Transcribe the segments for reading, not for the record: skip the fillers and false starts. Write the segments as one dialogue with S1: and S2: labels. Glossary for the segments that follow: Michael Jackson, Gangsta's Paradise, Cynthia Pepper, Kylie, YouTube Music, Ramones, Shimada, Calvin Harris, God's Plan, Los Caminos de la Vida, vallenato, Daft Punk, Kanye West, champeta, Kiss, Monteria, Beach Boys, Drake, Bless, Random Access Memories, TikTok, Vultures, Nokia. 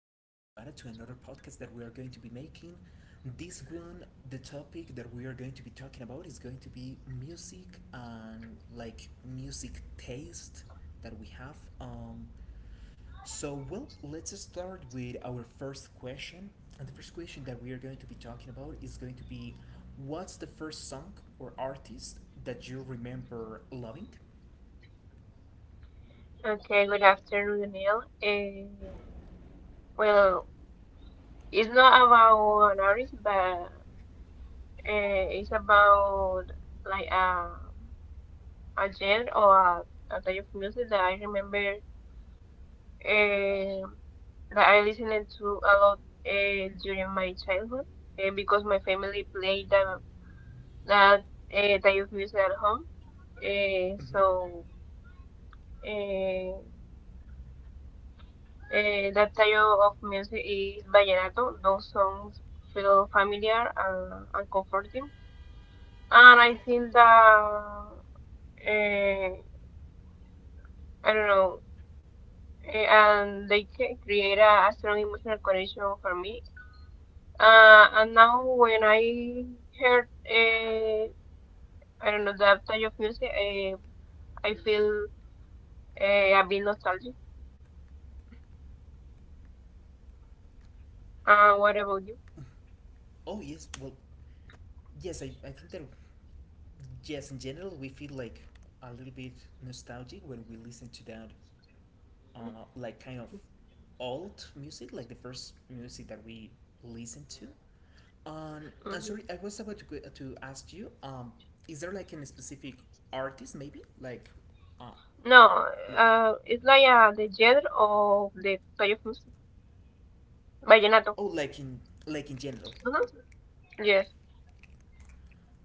S1: Shimada, to another podcast that we are going to be making. This one, the topic that we are going to be talking about is going to be music and like music taste that we have. Let's start with our first question. And the first question that we are going to be talking about is going to be what's the first song or artist that you remember loving?
S2: Okay, good afternoon, Neil. Well, it's not about an artist, but it's about like a a genre or a type of music that I remember uh, that I listened to a lot during my childhood because my family played that type of music at home. Uh,
S1: Mm-hmm.
S2: so. eh, that type of music is vallenato. Those songs feel familiar and comforting. And I think that, eh, I don't know, and they can create a strong emotional connection for me. And now when I heard, I don't know, that type of music, I feel a bit nostalgic. What about you?
S1: Oh yes, well, yes, I think that yes, in general, we feel like a little bit nostalgic when we listen to that, like kind of old music, like the first music that we listen to. I'm
S2: Mm-hmm.
S1: sorry, I was about to to ask you. Is there like a specific artist, maybe uh,
S2: No,
S1: like,
S2: it's like the genre of the play of music. Vallenato.
S1: oh, like in general.
S2: uh Yes.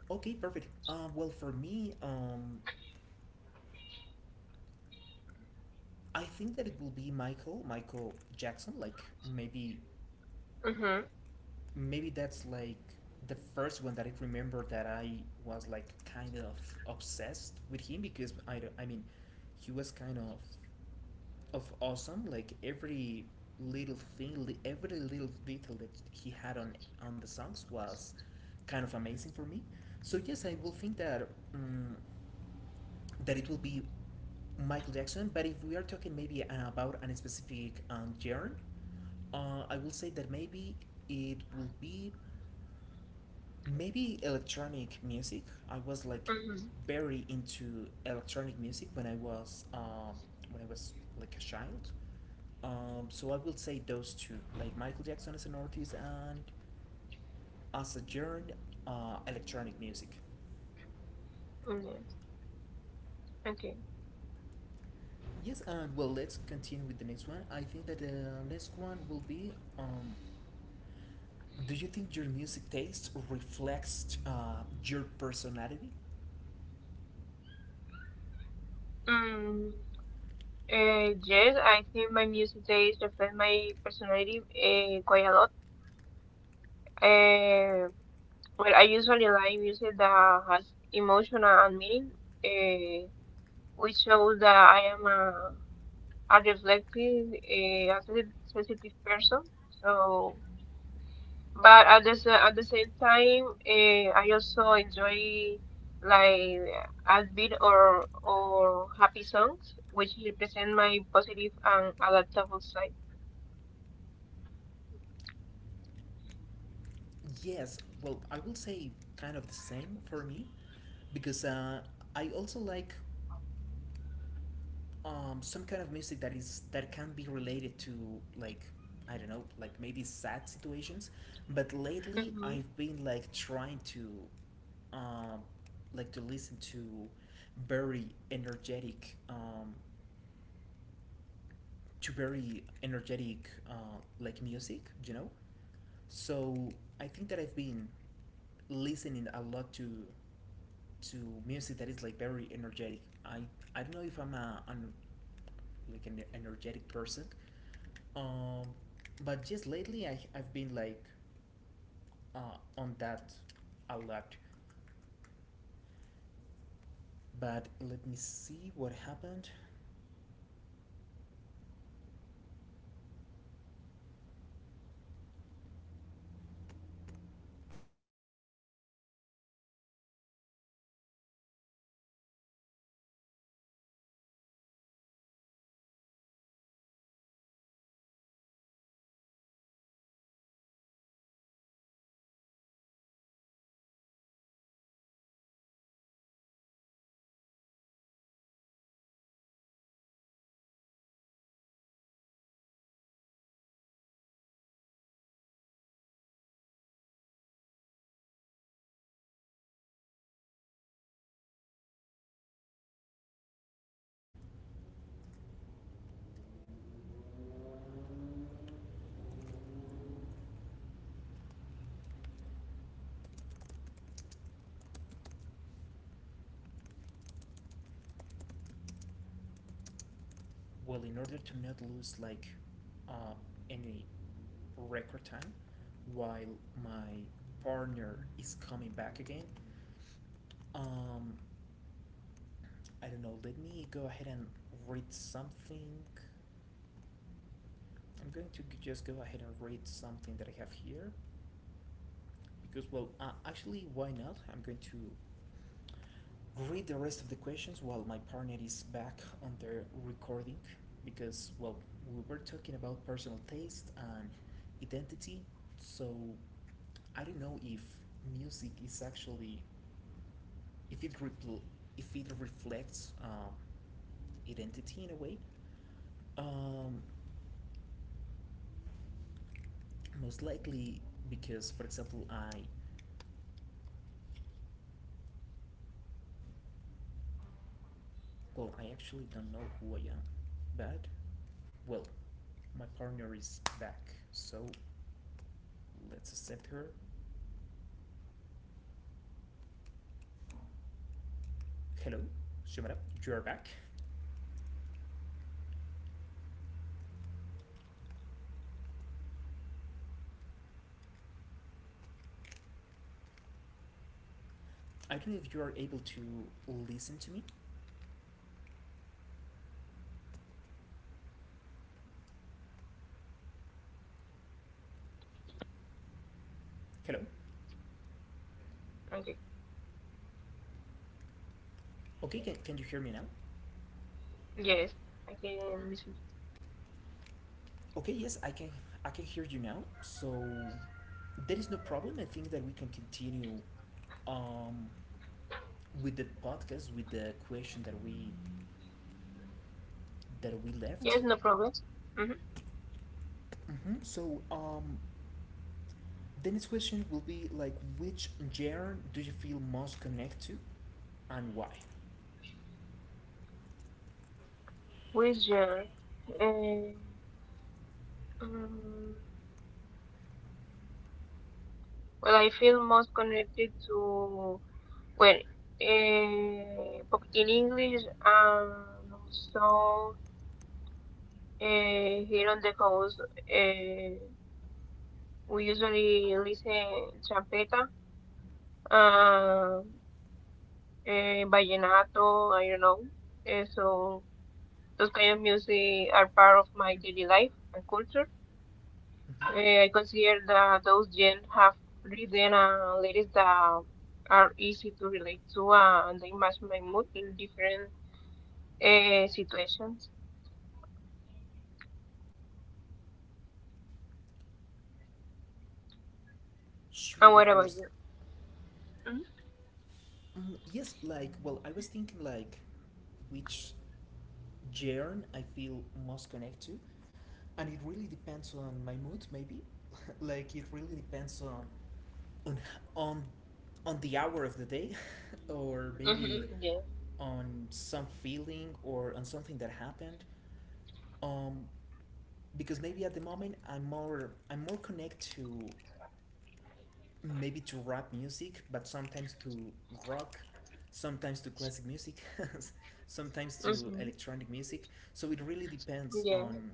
S1: Okay, perfect. Well, for me, I think that it will be Michael Jackson. Like maybe
S2: hmm
S1: maybe that's like the first one that I remember that I was like kind of obsessed with him because I don't- I mean he was kind of awesome. Like every little thing, every little detail that he had on the songs was kind of amazing for me. So yes, I will think that. Um, that it will be Michael Jackson. But if we are talking maybe about a specific genre, I will say that maybe it will be maybe electronic music. I was like
S2: hmm
S1: very into electronic music when I was like a child. So I will say those two, like Michael Jackson as an artist and as a genre, electronic music.
S2: Yes. Okay.
S1: Yes, and well, let's continue with the next one. I think that the next one will be do you think your music taste reflects your personality?
S2: Mm, yes, I think my music taste reflect my personality quite a lot. Uh, well, I usually like music that has emotion and meaning, uh, which shows that I am a reflective, a sensitive person. So But at the same time, I also enjoy like upbeat or happy songs, which represent my positive and adaptable side.
S1: Yes, well, I will say kind of the same for me because I also like some kind of music that can be related to like I don't know, like maybe sad situations. But lately, I've been like trying to, um, like to listen very energetic um, to very energetic like music, you know. So I think that I've been listening a lot to music that is like very energetic. I don't know if I'm like an energetic person, um, but just lately I've been like on that a lot. But let me see what happened. Well, in order to not lose like uh, any record time while my partner is coming back again, um, I don't know. Let me go ahead and read something. I'm going to just go ahead and read something that I have here because, well, actually, why not? I'm going to read the rest of the questions while my partner is back on the recording because well we were talking about personal taste and identity so I don't know if music is actually if it repl- if it reflects identity in a way um, most likely because for example I well, I actually don't know who I am, but well, my partner is back, so let's accept her.
S3: Bueno, ahora sí, creo que ya.
S1: Hello, Shimada, you are back.
S3: Sí, sí, ya.
S1: I don't know if you are able to listen to me.
S3: Yes,
S1: Hello.
S3: okay.
S1: Okay, can you hear me now?
S3: Yes, I can listen.
S1: Okay, yes, I can. I can hear you now. So there is no problem. I think that we can continue um, with the podcast with the question that we left.
S3: Yes, no problem. Mm-hmm.
S1: Hmm. So, the next question will be like, which genre do you feel most connect to, and why?
S3: With your, eh, mm, well, I feel most connected to, well, pop in English and also here on the coast, eh, we usually listen champeta, uh, vallenato, I don't know. So those kind of music are part of my daily life and culture.
S1: Hmm.
S3: I consider that those gen have rhythm and lyrics that are easy to relate to, and they match my mood in different situations. And
S1: Sure,
S3: what
S1: of
S3: about
S1: course.
S3: you?
S1: Mm, yes, like, well, I was thinking like, which genre I feel most connect to, and it really depends on my mood, maybe. Like, it really depends on on on the hour of the day or maybe
S3: Mm-hmm. Yeah.
S1: on some feeling or on something that happened um because maybe at the moment I'm more connect to maybe to rap music, but sometimes to rock, sometimes to classic music sometimes to
S3: Mm-hmm.
S1: electronic music, so it really depends
S3: Yeah.
S1: on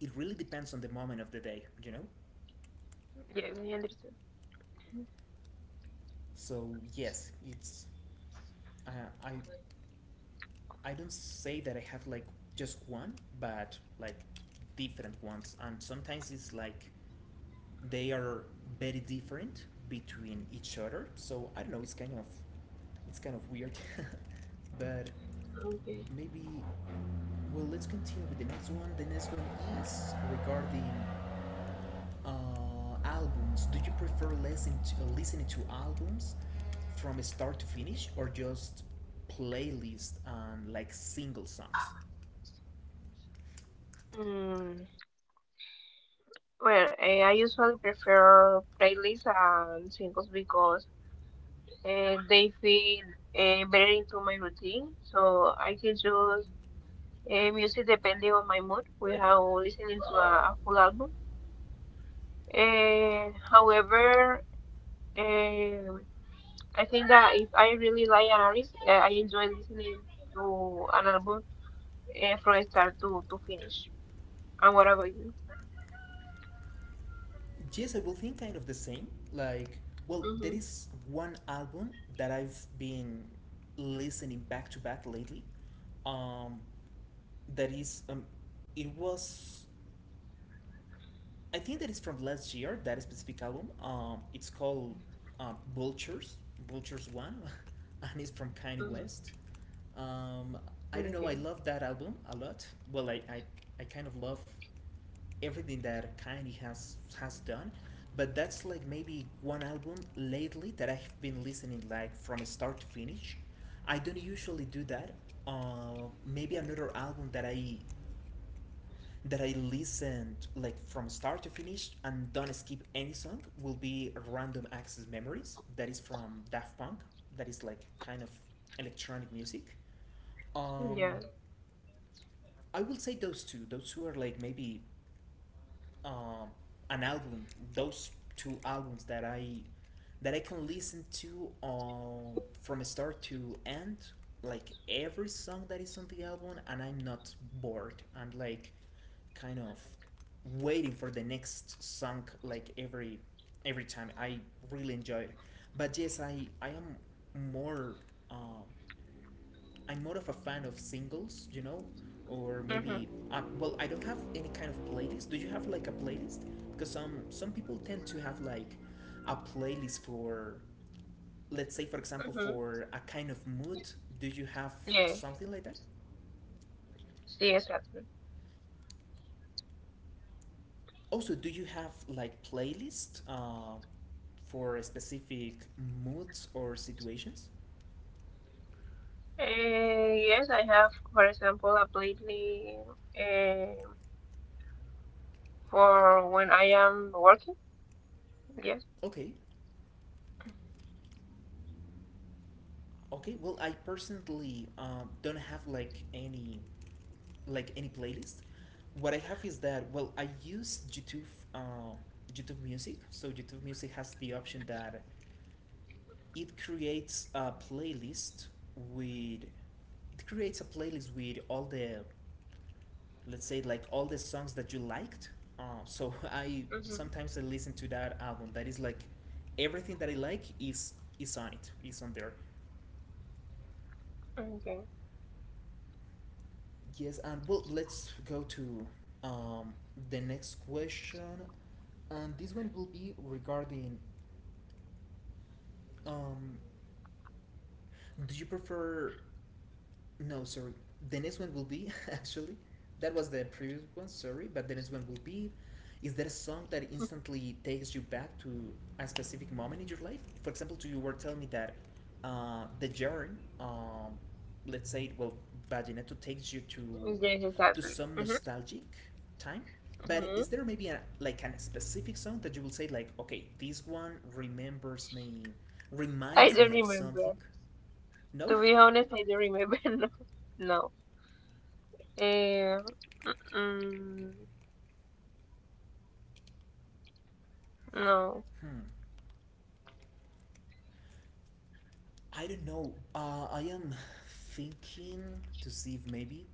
S1: the moment of the day, you know.
S3: Yes, I understand.
S1: So yes, it's uh, i I don't say that I have like just one, but like different ones. And sometimes it's like they are very different between each other. So I don't know. It's kind of weird, but
S3: Okay.
S1: maybe. Well, let's continue with the next one. The next one is regarding albums. Do you prefer listening to, listening to albums from start to finish, or just playlist and like single songs?
S3: Mm. Well, I usually prefer playlists and singles because they feel better into my routine. So I can choose music depending on my mood without listening to a full album. However, um, I think that if I really like an artist, I enjoy listening to an album from start to finish. And what about you?
S1: Yes, I will think kind of the same. Like, well, there
S3: Mm-hmm.
S1: is one album that I've been listening back to back lately. Um, that is, it was, I think that is from last year. That specific album. It's called Vultures, Vultures One, and it's from Kanye West. Um, I
S3: Hmm.
S1: don't know. I
S3: Okay.
S1: love that album a lot. Well, I kind of love everything that Kanye has done. But that's like maybe one album lately that I've been listening like from start to finish. I don't usually do that. Maybe another album that I listened like from start to finish and don't skip any song will be Random Access Memories. That is from Daft Punk. That is like kind of electronic music. Um,
S3: Yeah.
S1: I will say those two. Those two are like maybe um, an album, those two albums that I can listen to from start to end, like every song that is on the album, and I'm not bored. I'm like kind of waiting for the next song, like every time. I really enjoy it, but yes, I am more um, I'm more of a fan of singles, you know, or
S3: Mm-hmm.
S1: maybe well, I don't have any kind of playlist. Do you have like a playlist? Because some people tend to have like a playlist for, let's say, for example,
S3: Mm-hmm.
S1: for a kind of mood. Do you have
S3: Yeah.
S1: something like that?
S3: See, exactly.
S1: Also, do you have like playlist for specific moods or situations?
S3: Yes, I have, for example, a playlist uh, for when I am working. Yes.
S1: Okay, okay. Well, I personally don't have like any playlist. What I have is that well, I use YouTube uh, YouTube Music. So YouTube Music has the option that it creates a playlist with all the, let's say like all the songs that you liked. So I
S3: Mm-hmm.
S1: sometimes I listen to that album. That is like everything that I like is on it. Is on there.
S3: Okay.
S1: Yes, and well, let's go to um, the next question, and this one will be regarding um, do you prefer No, sorry. The next one will be actually that was the previous one. Sorry, but the next one will be. Is there a song that
S3: Mhm.
S1: instantly takes you back to a specific moment in your life? For example, you were telling me that the jarring, let's say, well, Vallenato takes you to
S3: Yes, exactly.
S1: some nostalgic time. But
S3: Hmm
S1: is there maybe a, like a specific song that you will say like, okay, this one remembers me,
S3: I
S1: reminds
S3: don't
S1: me of
S3: remember.
S1: something? No.
S3: To be honest, I don't remember. No. No. Eh, mm, no.
S1: I don't know. I am thinking to see if maybe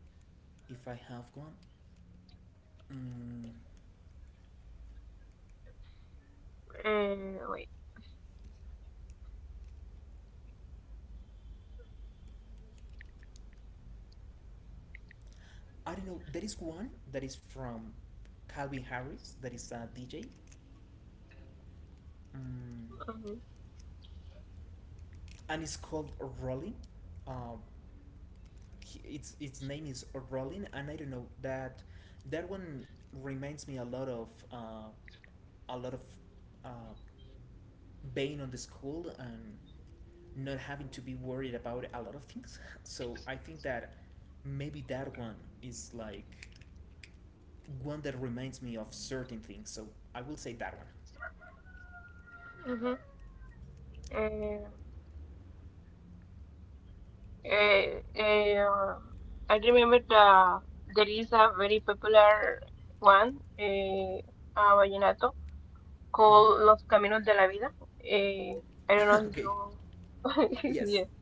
S1: if I have one. Mm,
S3: Wait.
S1: I don't know. There is one that is from Calvin Harris, that is a DJ, mm,
S3: hmm
S1: and it's called Rolling. Uh, its name is Rolling, and I don't know that that one reminds me a lot of uh, being on the school and not having to be worried about a lot of things. So I think that maybe that one is like one that reminds me of certain things. So I will say that one.
S3: hmm Eh, eh, eh, uh, I remember there is a very popular one, a vallenato
S1: Mm-hmm.
S3: called Los Caminos de la Vida. Eh, I don't
S1: Okay.
S3: know if you.
S1: Yes.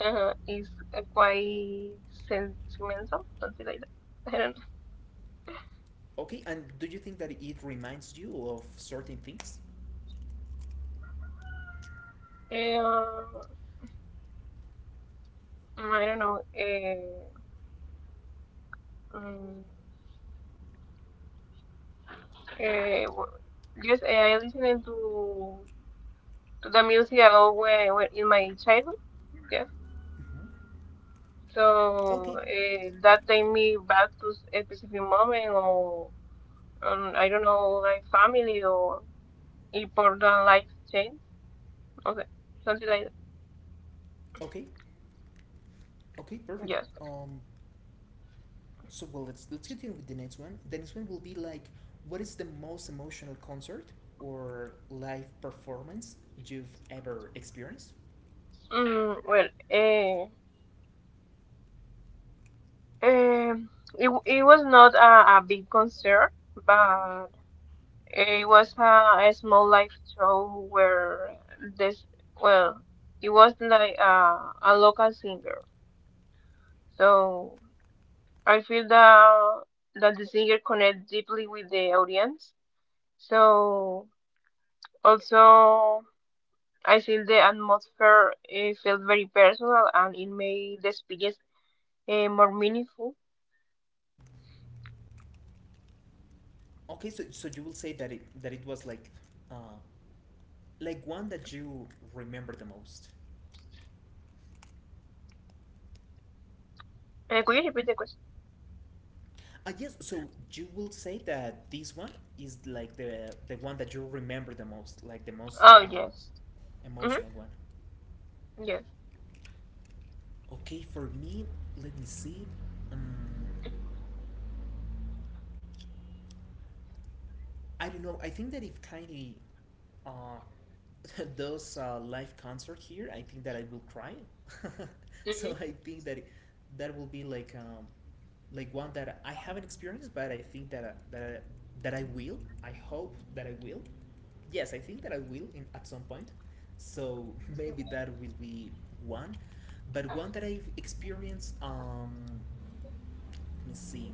S3: Is quite sentimental, something like that. I don't
S1: Okay. And do you think that it reminds you of certain things?
S3: know. I don't know. Um, just I listening to the music about when in my childhood. Yeah.
S1: Mm-hmm.
S3: So
S1: Okay.
S3: that take me back to a specific moment, or I don't know, like family or important life change. Okay, something like that.
S1: Okay. Okay. Perfect.
S3: Yes.
S1: Um. So well, let's continue with the next one. The next one will be like, what is the most emotional concert or live performance you've ever experienced?
S3: Well, uh, Um, it was not a big concert, but it was a small live show where this, well, it was like a local singer. So I feel that the singer connect deeply with the audience. So also I feel the atmosphere it felt very personal and it made the speeches more meaningful.
S1: Okay, so so you will say that it was uh, like one that you remember the most.
S3: Could you repeat the question?
S1: Yes, so you will say that this one is like the one that you remember the most, like the most
S3: Oh yes. Mm-hmm.
S1: emotional one.
S3: Yes.
S1: Okay, for me, let me see. Um, I don't know. I think that if Kylie uh, does a live concert here, I think that I will cry. So I think that it, that will be like one that I haven't experienced, but I think that that I will. I hope that I will. Yes, I think that I will in at some point. So maybe that will be one, but one that I've experienced. Let me see.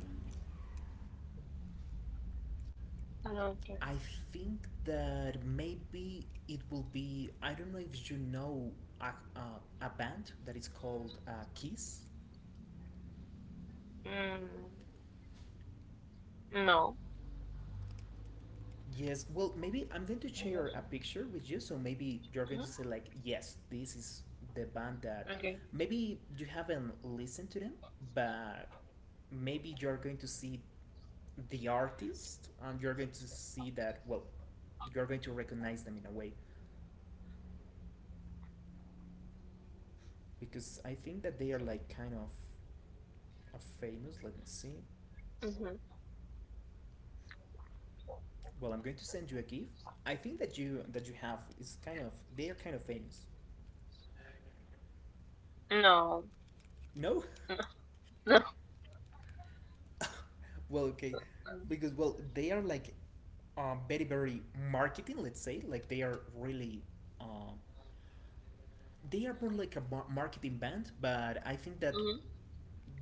S3: Okay.
S1: I think that maybe it will be. I don't know if you know a, a band that is called Kiss.
S3: Mm, no.
S1: Yes, well, maybe I'm going to share
S3: Exactly.
S1: a picture with you, so maybe you're going
S3: Mhm.
S1: to say, like, yes, this is the band that
S3: Okay.
S1: maybe you haven't listened to them, but maybe you're going to see the artist and you're going to see that, well, you're going to recognize them in a way because I think that they are like kind of a famous. Let me see. Well, I'm going to send you a GIF. I think that you have is kind of they are kind of famous.
S3: No.
S1: No.
S3: No.
S1: well, okay, because well they are like very very marketing. Let's say like they are really um, they are more like a marketing band. But I think that
S3: Mm-hmm.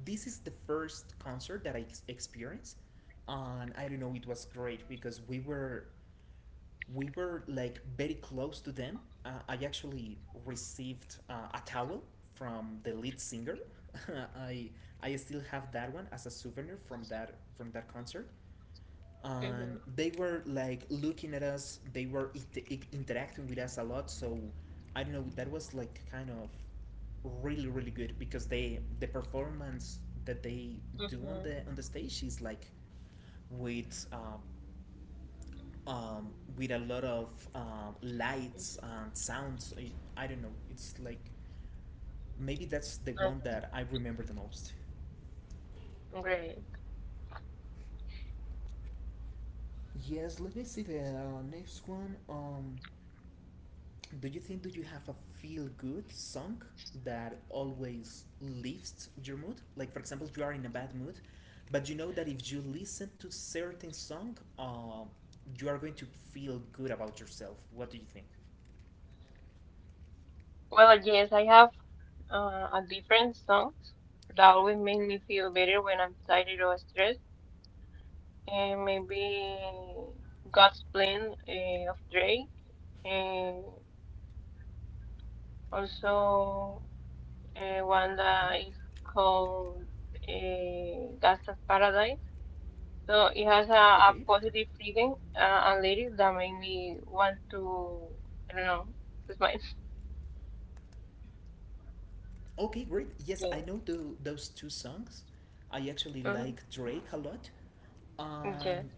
S1: this is the first concert that I experienced, and I don't know it was great because we were like very close to them. I actually received a towel from the lead singer. I I still have that one as a souvenir from that concert. And
S3: Mm-hmm.
S1: they were like looking at us. They were interacting with us a lot. So I don't know. That was like kind of really really good because they the performance that they do on
S3: Mm-hmm.
S1: the stage is like with um, um, with a lot of lights and sounds. I don't know. It's like maybe that's the one
S3: Okay.
S1: that I remember the most.
S3: Great.
S1: Yes, let me see the next one. Do you have a feel good song that always lifts your mood? Like for example, you are in a bad mood, but you know that if you listen to certain song, you are going to feel good about yourself. What do you think?
S3: Well, yes, I have a different song that always make me feel better when I'm tired or stressed. And maybe God's Plan of Drake. And also one
S1: Hmm.
S3: that is called Gangsta's Paradise. So it has a
S1: Okay.
S3: positive feeling, and lyrics that make me want to, I don't know, it's mine.
S1: Okay, great. Yes, I
S3: Yes.
S1: know the, those two songs. I actually like Drake a lot.
S3: Mm-hmm. Yes.
S1: Um,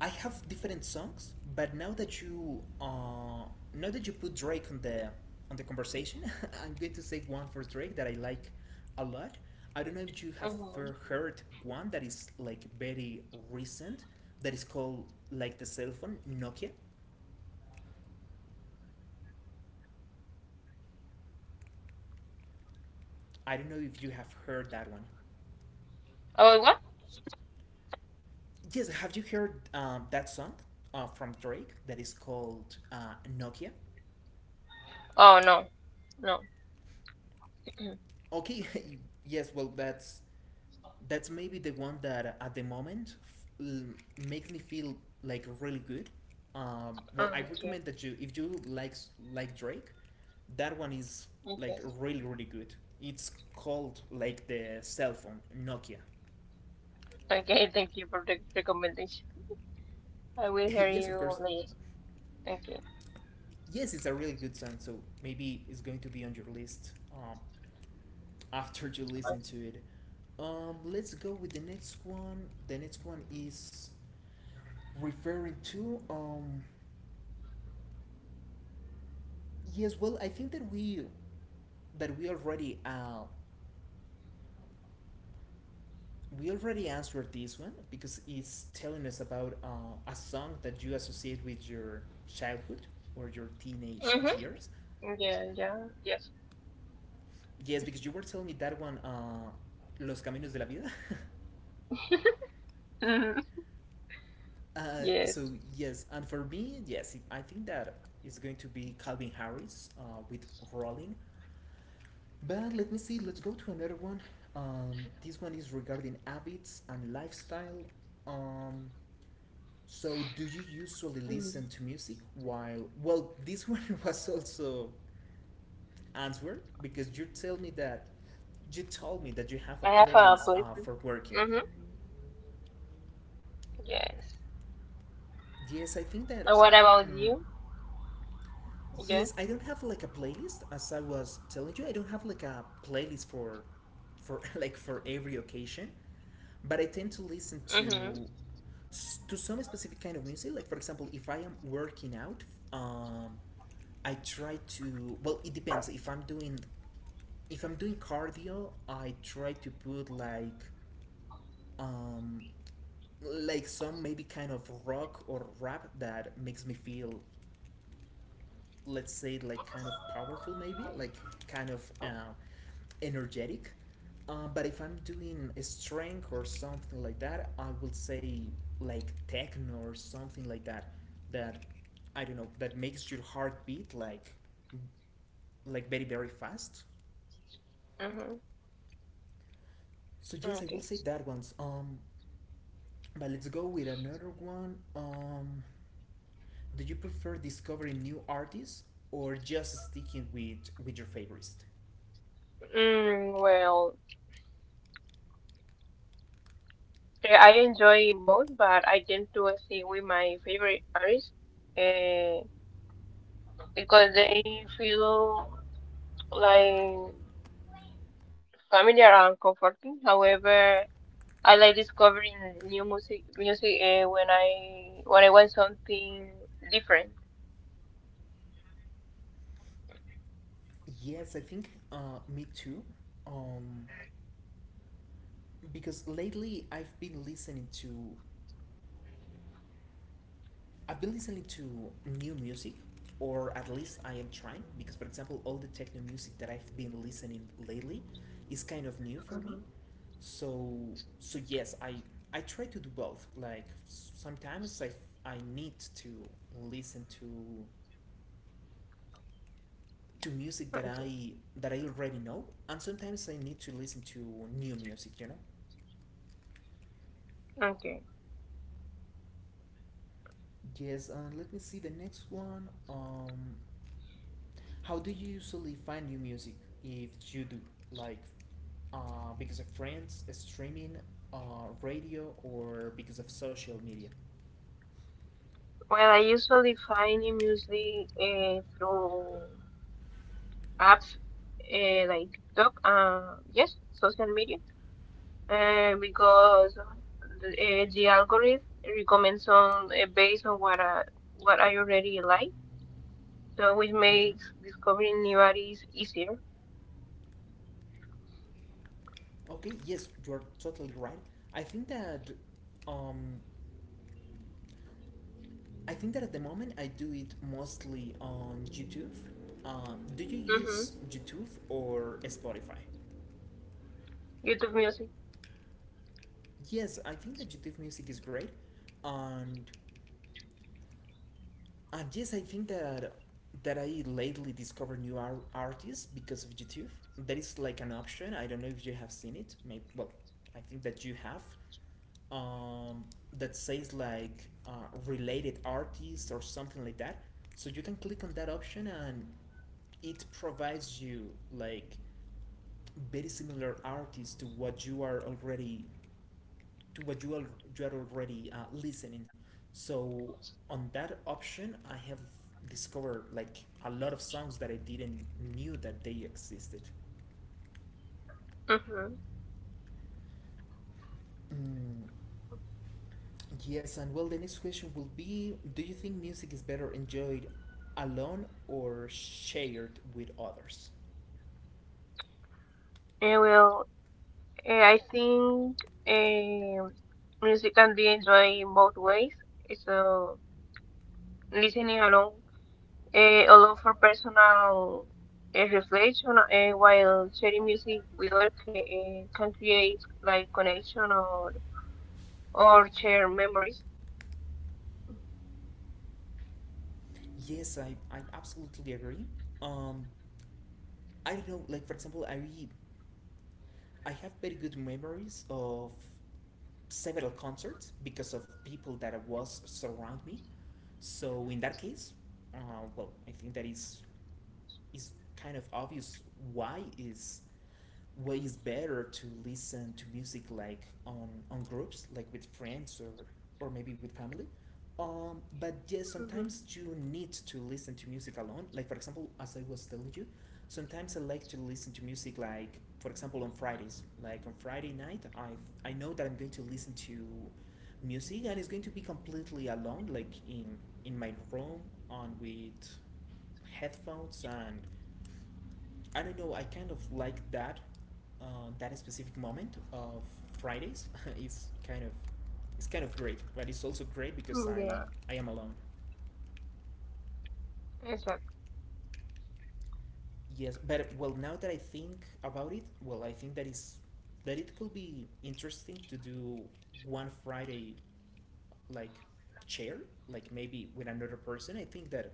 S1: I have different songs, but now that you put Drake on the conversation, I'm going to say one for Drake that I like a lot. I don't know if you have
S3: Mm-hmm.
S1: heard one that is like very recent that is called like the cell phone Nokia. I don't know if you have heard that one.
S3: Oh, what?
S1: Yes, have you heard that song from Drake that is called Nokia?
S3: Oh, no. No.
S1: Okay, yes, well, that's maybe the one that at the moment makes me feel like really good. Well,
S3: Mm,
S1: I
S3: okay.
S1: recommend that you, if you like Drake, that one is
S3: Okay.
S1: like really really good. It's called like the cell phone Nokia.
S3: Okay, thank you for the recommendation. I will hear
S1: yes, of
S3: you
S1: course.
S3: later. Okay.
S1: Yes, it's a really good song, so maybe it's going to be on your list. After you listen to it. Let's go with the next one. The next one is referring to yes. Well, I think that that we already uh, we already answered this one because it's telling us about a song that you associate with your childhood or your teenage
S3: Mm-hmm.
S1: years.
S3: Yeah, yeah, yes.
S1: Yes, because you were telling me that one, Los Caminos de la Vida.
S3: Mm-hmm.
S1: So
S3: Yes.
S1: yes, and for me, yes, it, I think that it's going to be Calvin Harris with Rolling. But let me see. Let's go to another one. This one is regarding habits and lifestyle. Um, so do you usually
S3: Mm.
S1: listen to music while? Well, this one was also answered because you told me that you have a
S3: I have a
S1: playlist
S3: place.
S1: for working.
S3: Mm-hmm. Yes.
S1: Yes, I think that.
S3: And what about
S1: Um,
S3: you? Yes.
S1: Yes, I don't have like a playlist. As I was telling you, I don't have like a playlist for like for every occasion, but I tend to
S3: Mm-hmm.
S1: listen to, to some specific kind of music. Like for example, if I am working out, um, I try to. Well, it depends. If I'm doing cardio, I try to put um, like some maybe kind of rock or rap that makes me feel let's say like kind of powerful maybe like kind of energetic but if I'm doing a strength or something like that I will say like techno or something like that that I don't know that makes your heart beat like very very fast.
S3: Mm-hmm.
S1: So yes, I will
S3: Okay.
S1: say that ones. But let's go with another one. Do you prefer discovering new artists or just sticking with your favorites?
S3: Well, I enjoy both, but I tend to stay with my favorite artists uh, because they feel like familiar and comforting. However, I like discovering new music when I want something different.
S1: Yes, I think me too. Um, because lately I've been listening to new music, or at least I am trying. Because for example, all the techno music that I've been listening lately is kind of new for me.
S3: Mhm.
S1: So so yes, I try to do both. Like s- sometimes I need to listen to music that
S3: Okay.
S1: I already know, and sometimes I need to listen to new music. You know.
S3: Okay.
S1: Yes, and let me see the next one. How do you usually find new music if you do? Like, because of friends, streaming, radio, or because of social media?
S3: Well, I usually find new music through apps like TikTok, yes, social media. Because the algorithm recommends on based on what what I already like, so which
S1: Mm-hmm.
S3: makes discovering new artists easier.
S1: Okay, yes, you're totally right. I think that, um, I think that at the moment I do it mostly on YouTube. Do you
S3: hmm
S1: use YouTube or Spotify?
S3: YouTube Music.
S1: Yes, I think that YouTube Music is great, and yes, I think that that I lately discovered new artists because of YouTube. That is like an option. I don't know if you have seen it. Maybe, well, I think that you have. Um, that says like related artists or something like that. So you can click on that option and it provides you like very similar artists to what you are already to what you are already listening. So on that option, I have discovered like a lot of songs that I didn't knew that they existed.
S3: hmm
S1: Mm, yes, and well, the next question will be: do you think music is better enjoyed alone or shared with others?
S3: And well, I think um music can be enjoyed in both ways. So listening along, allow for personal reflection, while sharing music with others can create like connection or share memories.
S1: Yes, I absolutely agree. Um, I don't know, like for example, I have very good memories of several concerts because of people that was surround me. So in that case, uh, well, I think that is kind of obvious why is ways better to listen to music like on groups like with friends or maybe with family. But yes,
S3: hmm
S1: sometimes you need to listen to music alone, like for example as I was telling you, sometimes I like to listen to music, like for example on Fridays, like on Friday night, I know that I'm going to listen to music and it's going to be completely alone, like in my room on with headphones. And I don't know. I kind of like that that specific moment of Fridays. it's kind of it's kind of great, but it's also great because
S3: Yeah,
S1: I am alone.
S3: exactly.
S1: Yes, but well, now that I think about it, well, I think that is that it could be interesting to do one Friday like chair, like maybe with another person. I think that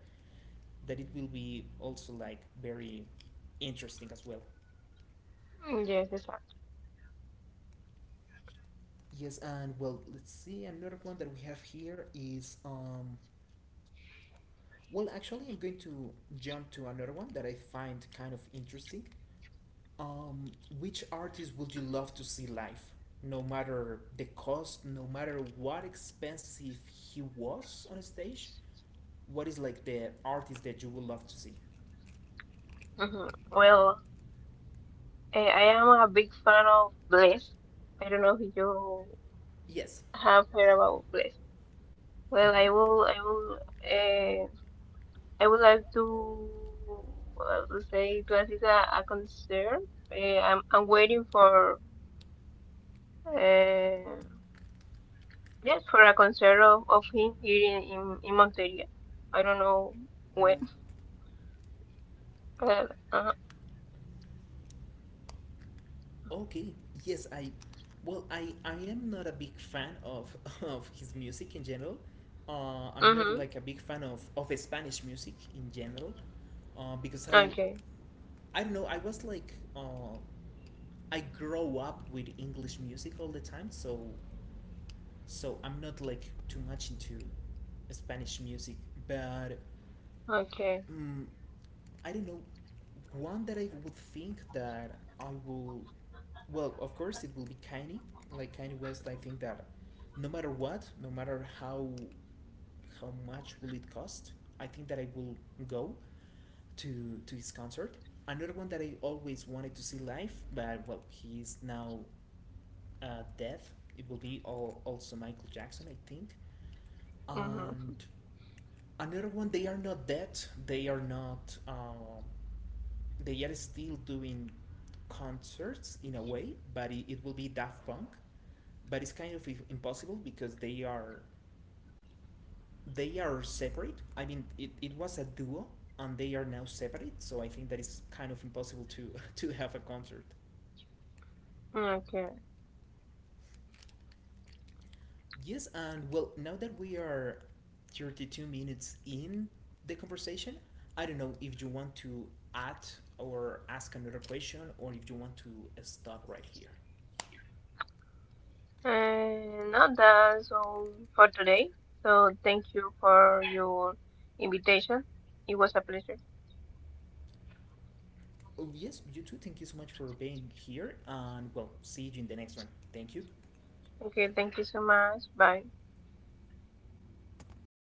S1: that it will be also like very interesting as well.
S3: Yes, exactly.
S1: Yes, and well, let's see. Another one that we have here is. Well, actually, I'm going to jump to another one that I find kind of interesting. Um, which artist would you love to see live? No matter the cost, no matter what expensive he was on stage, what is like the artist that you would love to see?
S3: Well, I am a big fan of Bless. I don't know if you
S1: Yes.
S3: have heard about Bless. Well,
S1: Hmm.
S3: uh, I would like to say to assist a concert. I'm waiting for, uh, yes, for a concert of him here in Monteria. I don't know when. Uh, uh,
S1: Okay, yes, I well, I am not a big fan of of his music in general. I'm not
S3: mm-hmm.
S1: like a big fan of Spanish music in general, because
S3: Okay.
S1: I don't know, I was like I grow up with English music all the time, so so I'm not like too much into Spanish music, but
S3: Okay.
S1: mm, I don't know. One that I would think that I will, well, of course it will be Kanye. Like Kanye West, I think that no matter what, no matter how much will it cost, I think that I will go to his concert. Another one that I always wanted to see live, but well, he is now dead. It will be all, also Michael Jackson, I think, and
S3: Mm-hmm.
S1: another one they are not dead. They are not. They are still doing concerts in a way, but it will be Daft Punk. But it's kind of impossible because they are separate. I mean, it was a duo and they are now separate, so I think that it's kind of impossible to to have a concert.
S3: Okay.
S1: Yes, and well, now that we are 32 minutes in the conversation, I don't know if you want to add or ask another question or if you want to stop right here.
S3: And now that's all for today. So thank you for your invitation. It was a pleasure.
S1: Oh, yes, you too. Thank you so much for being here. And well, see you in the next one. Thank you.
S3: Okay, thank you so much. Bye.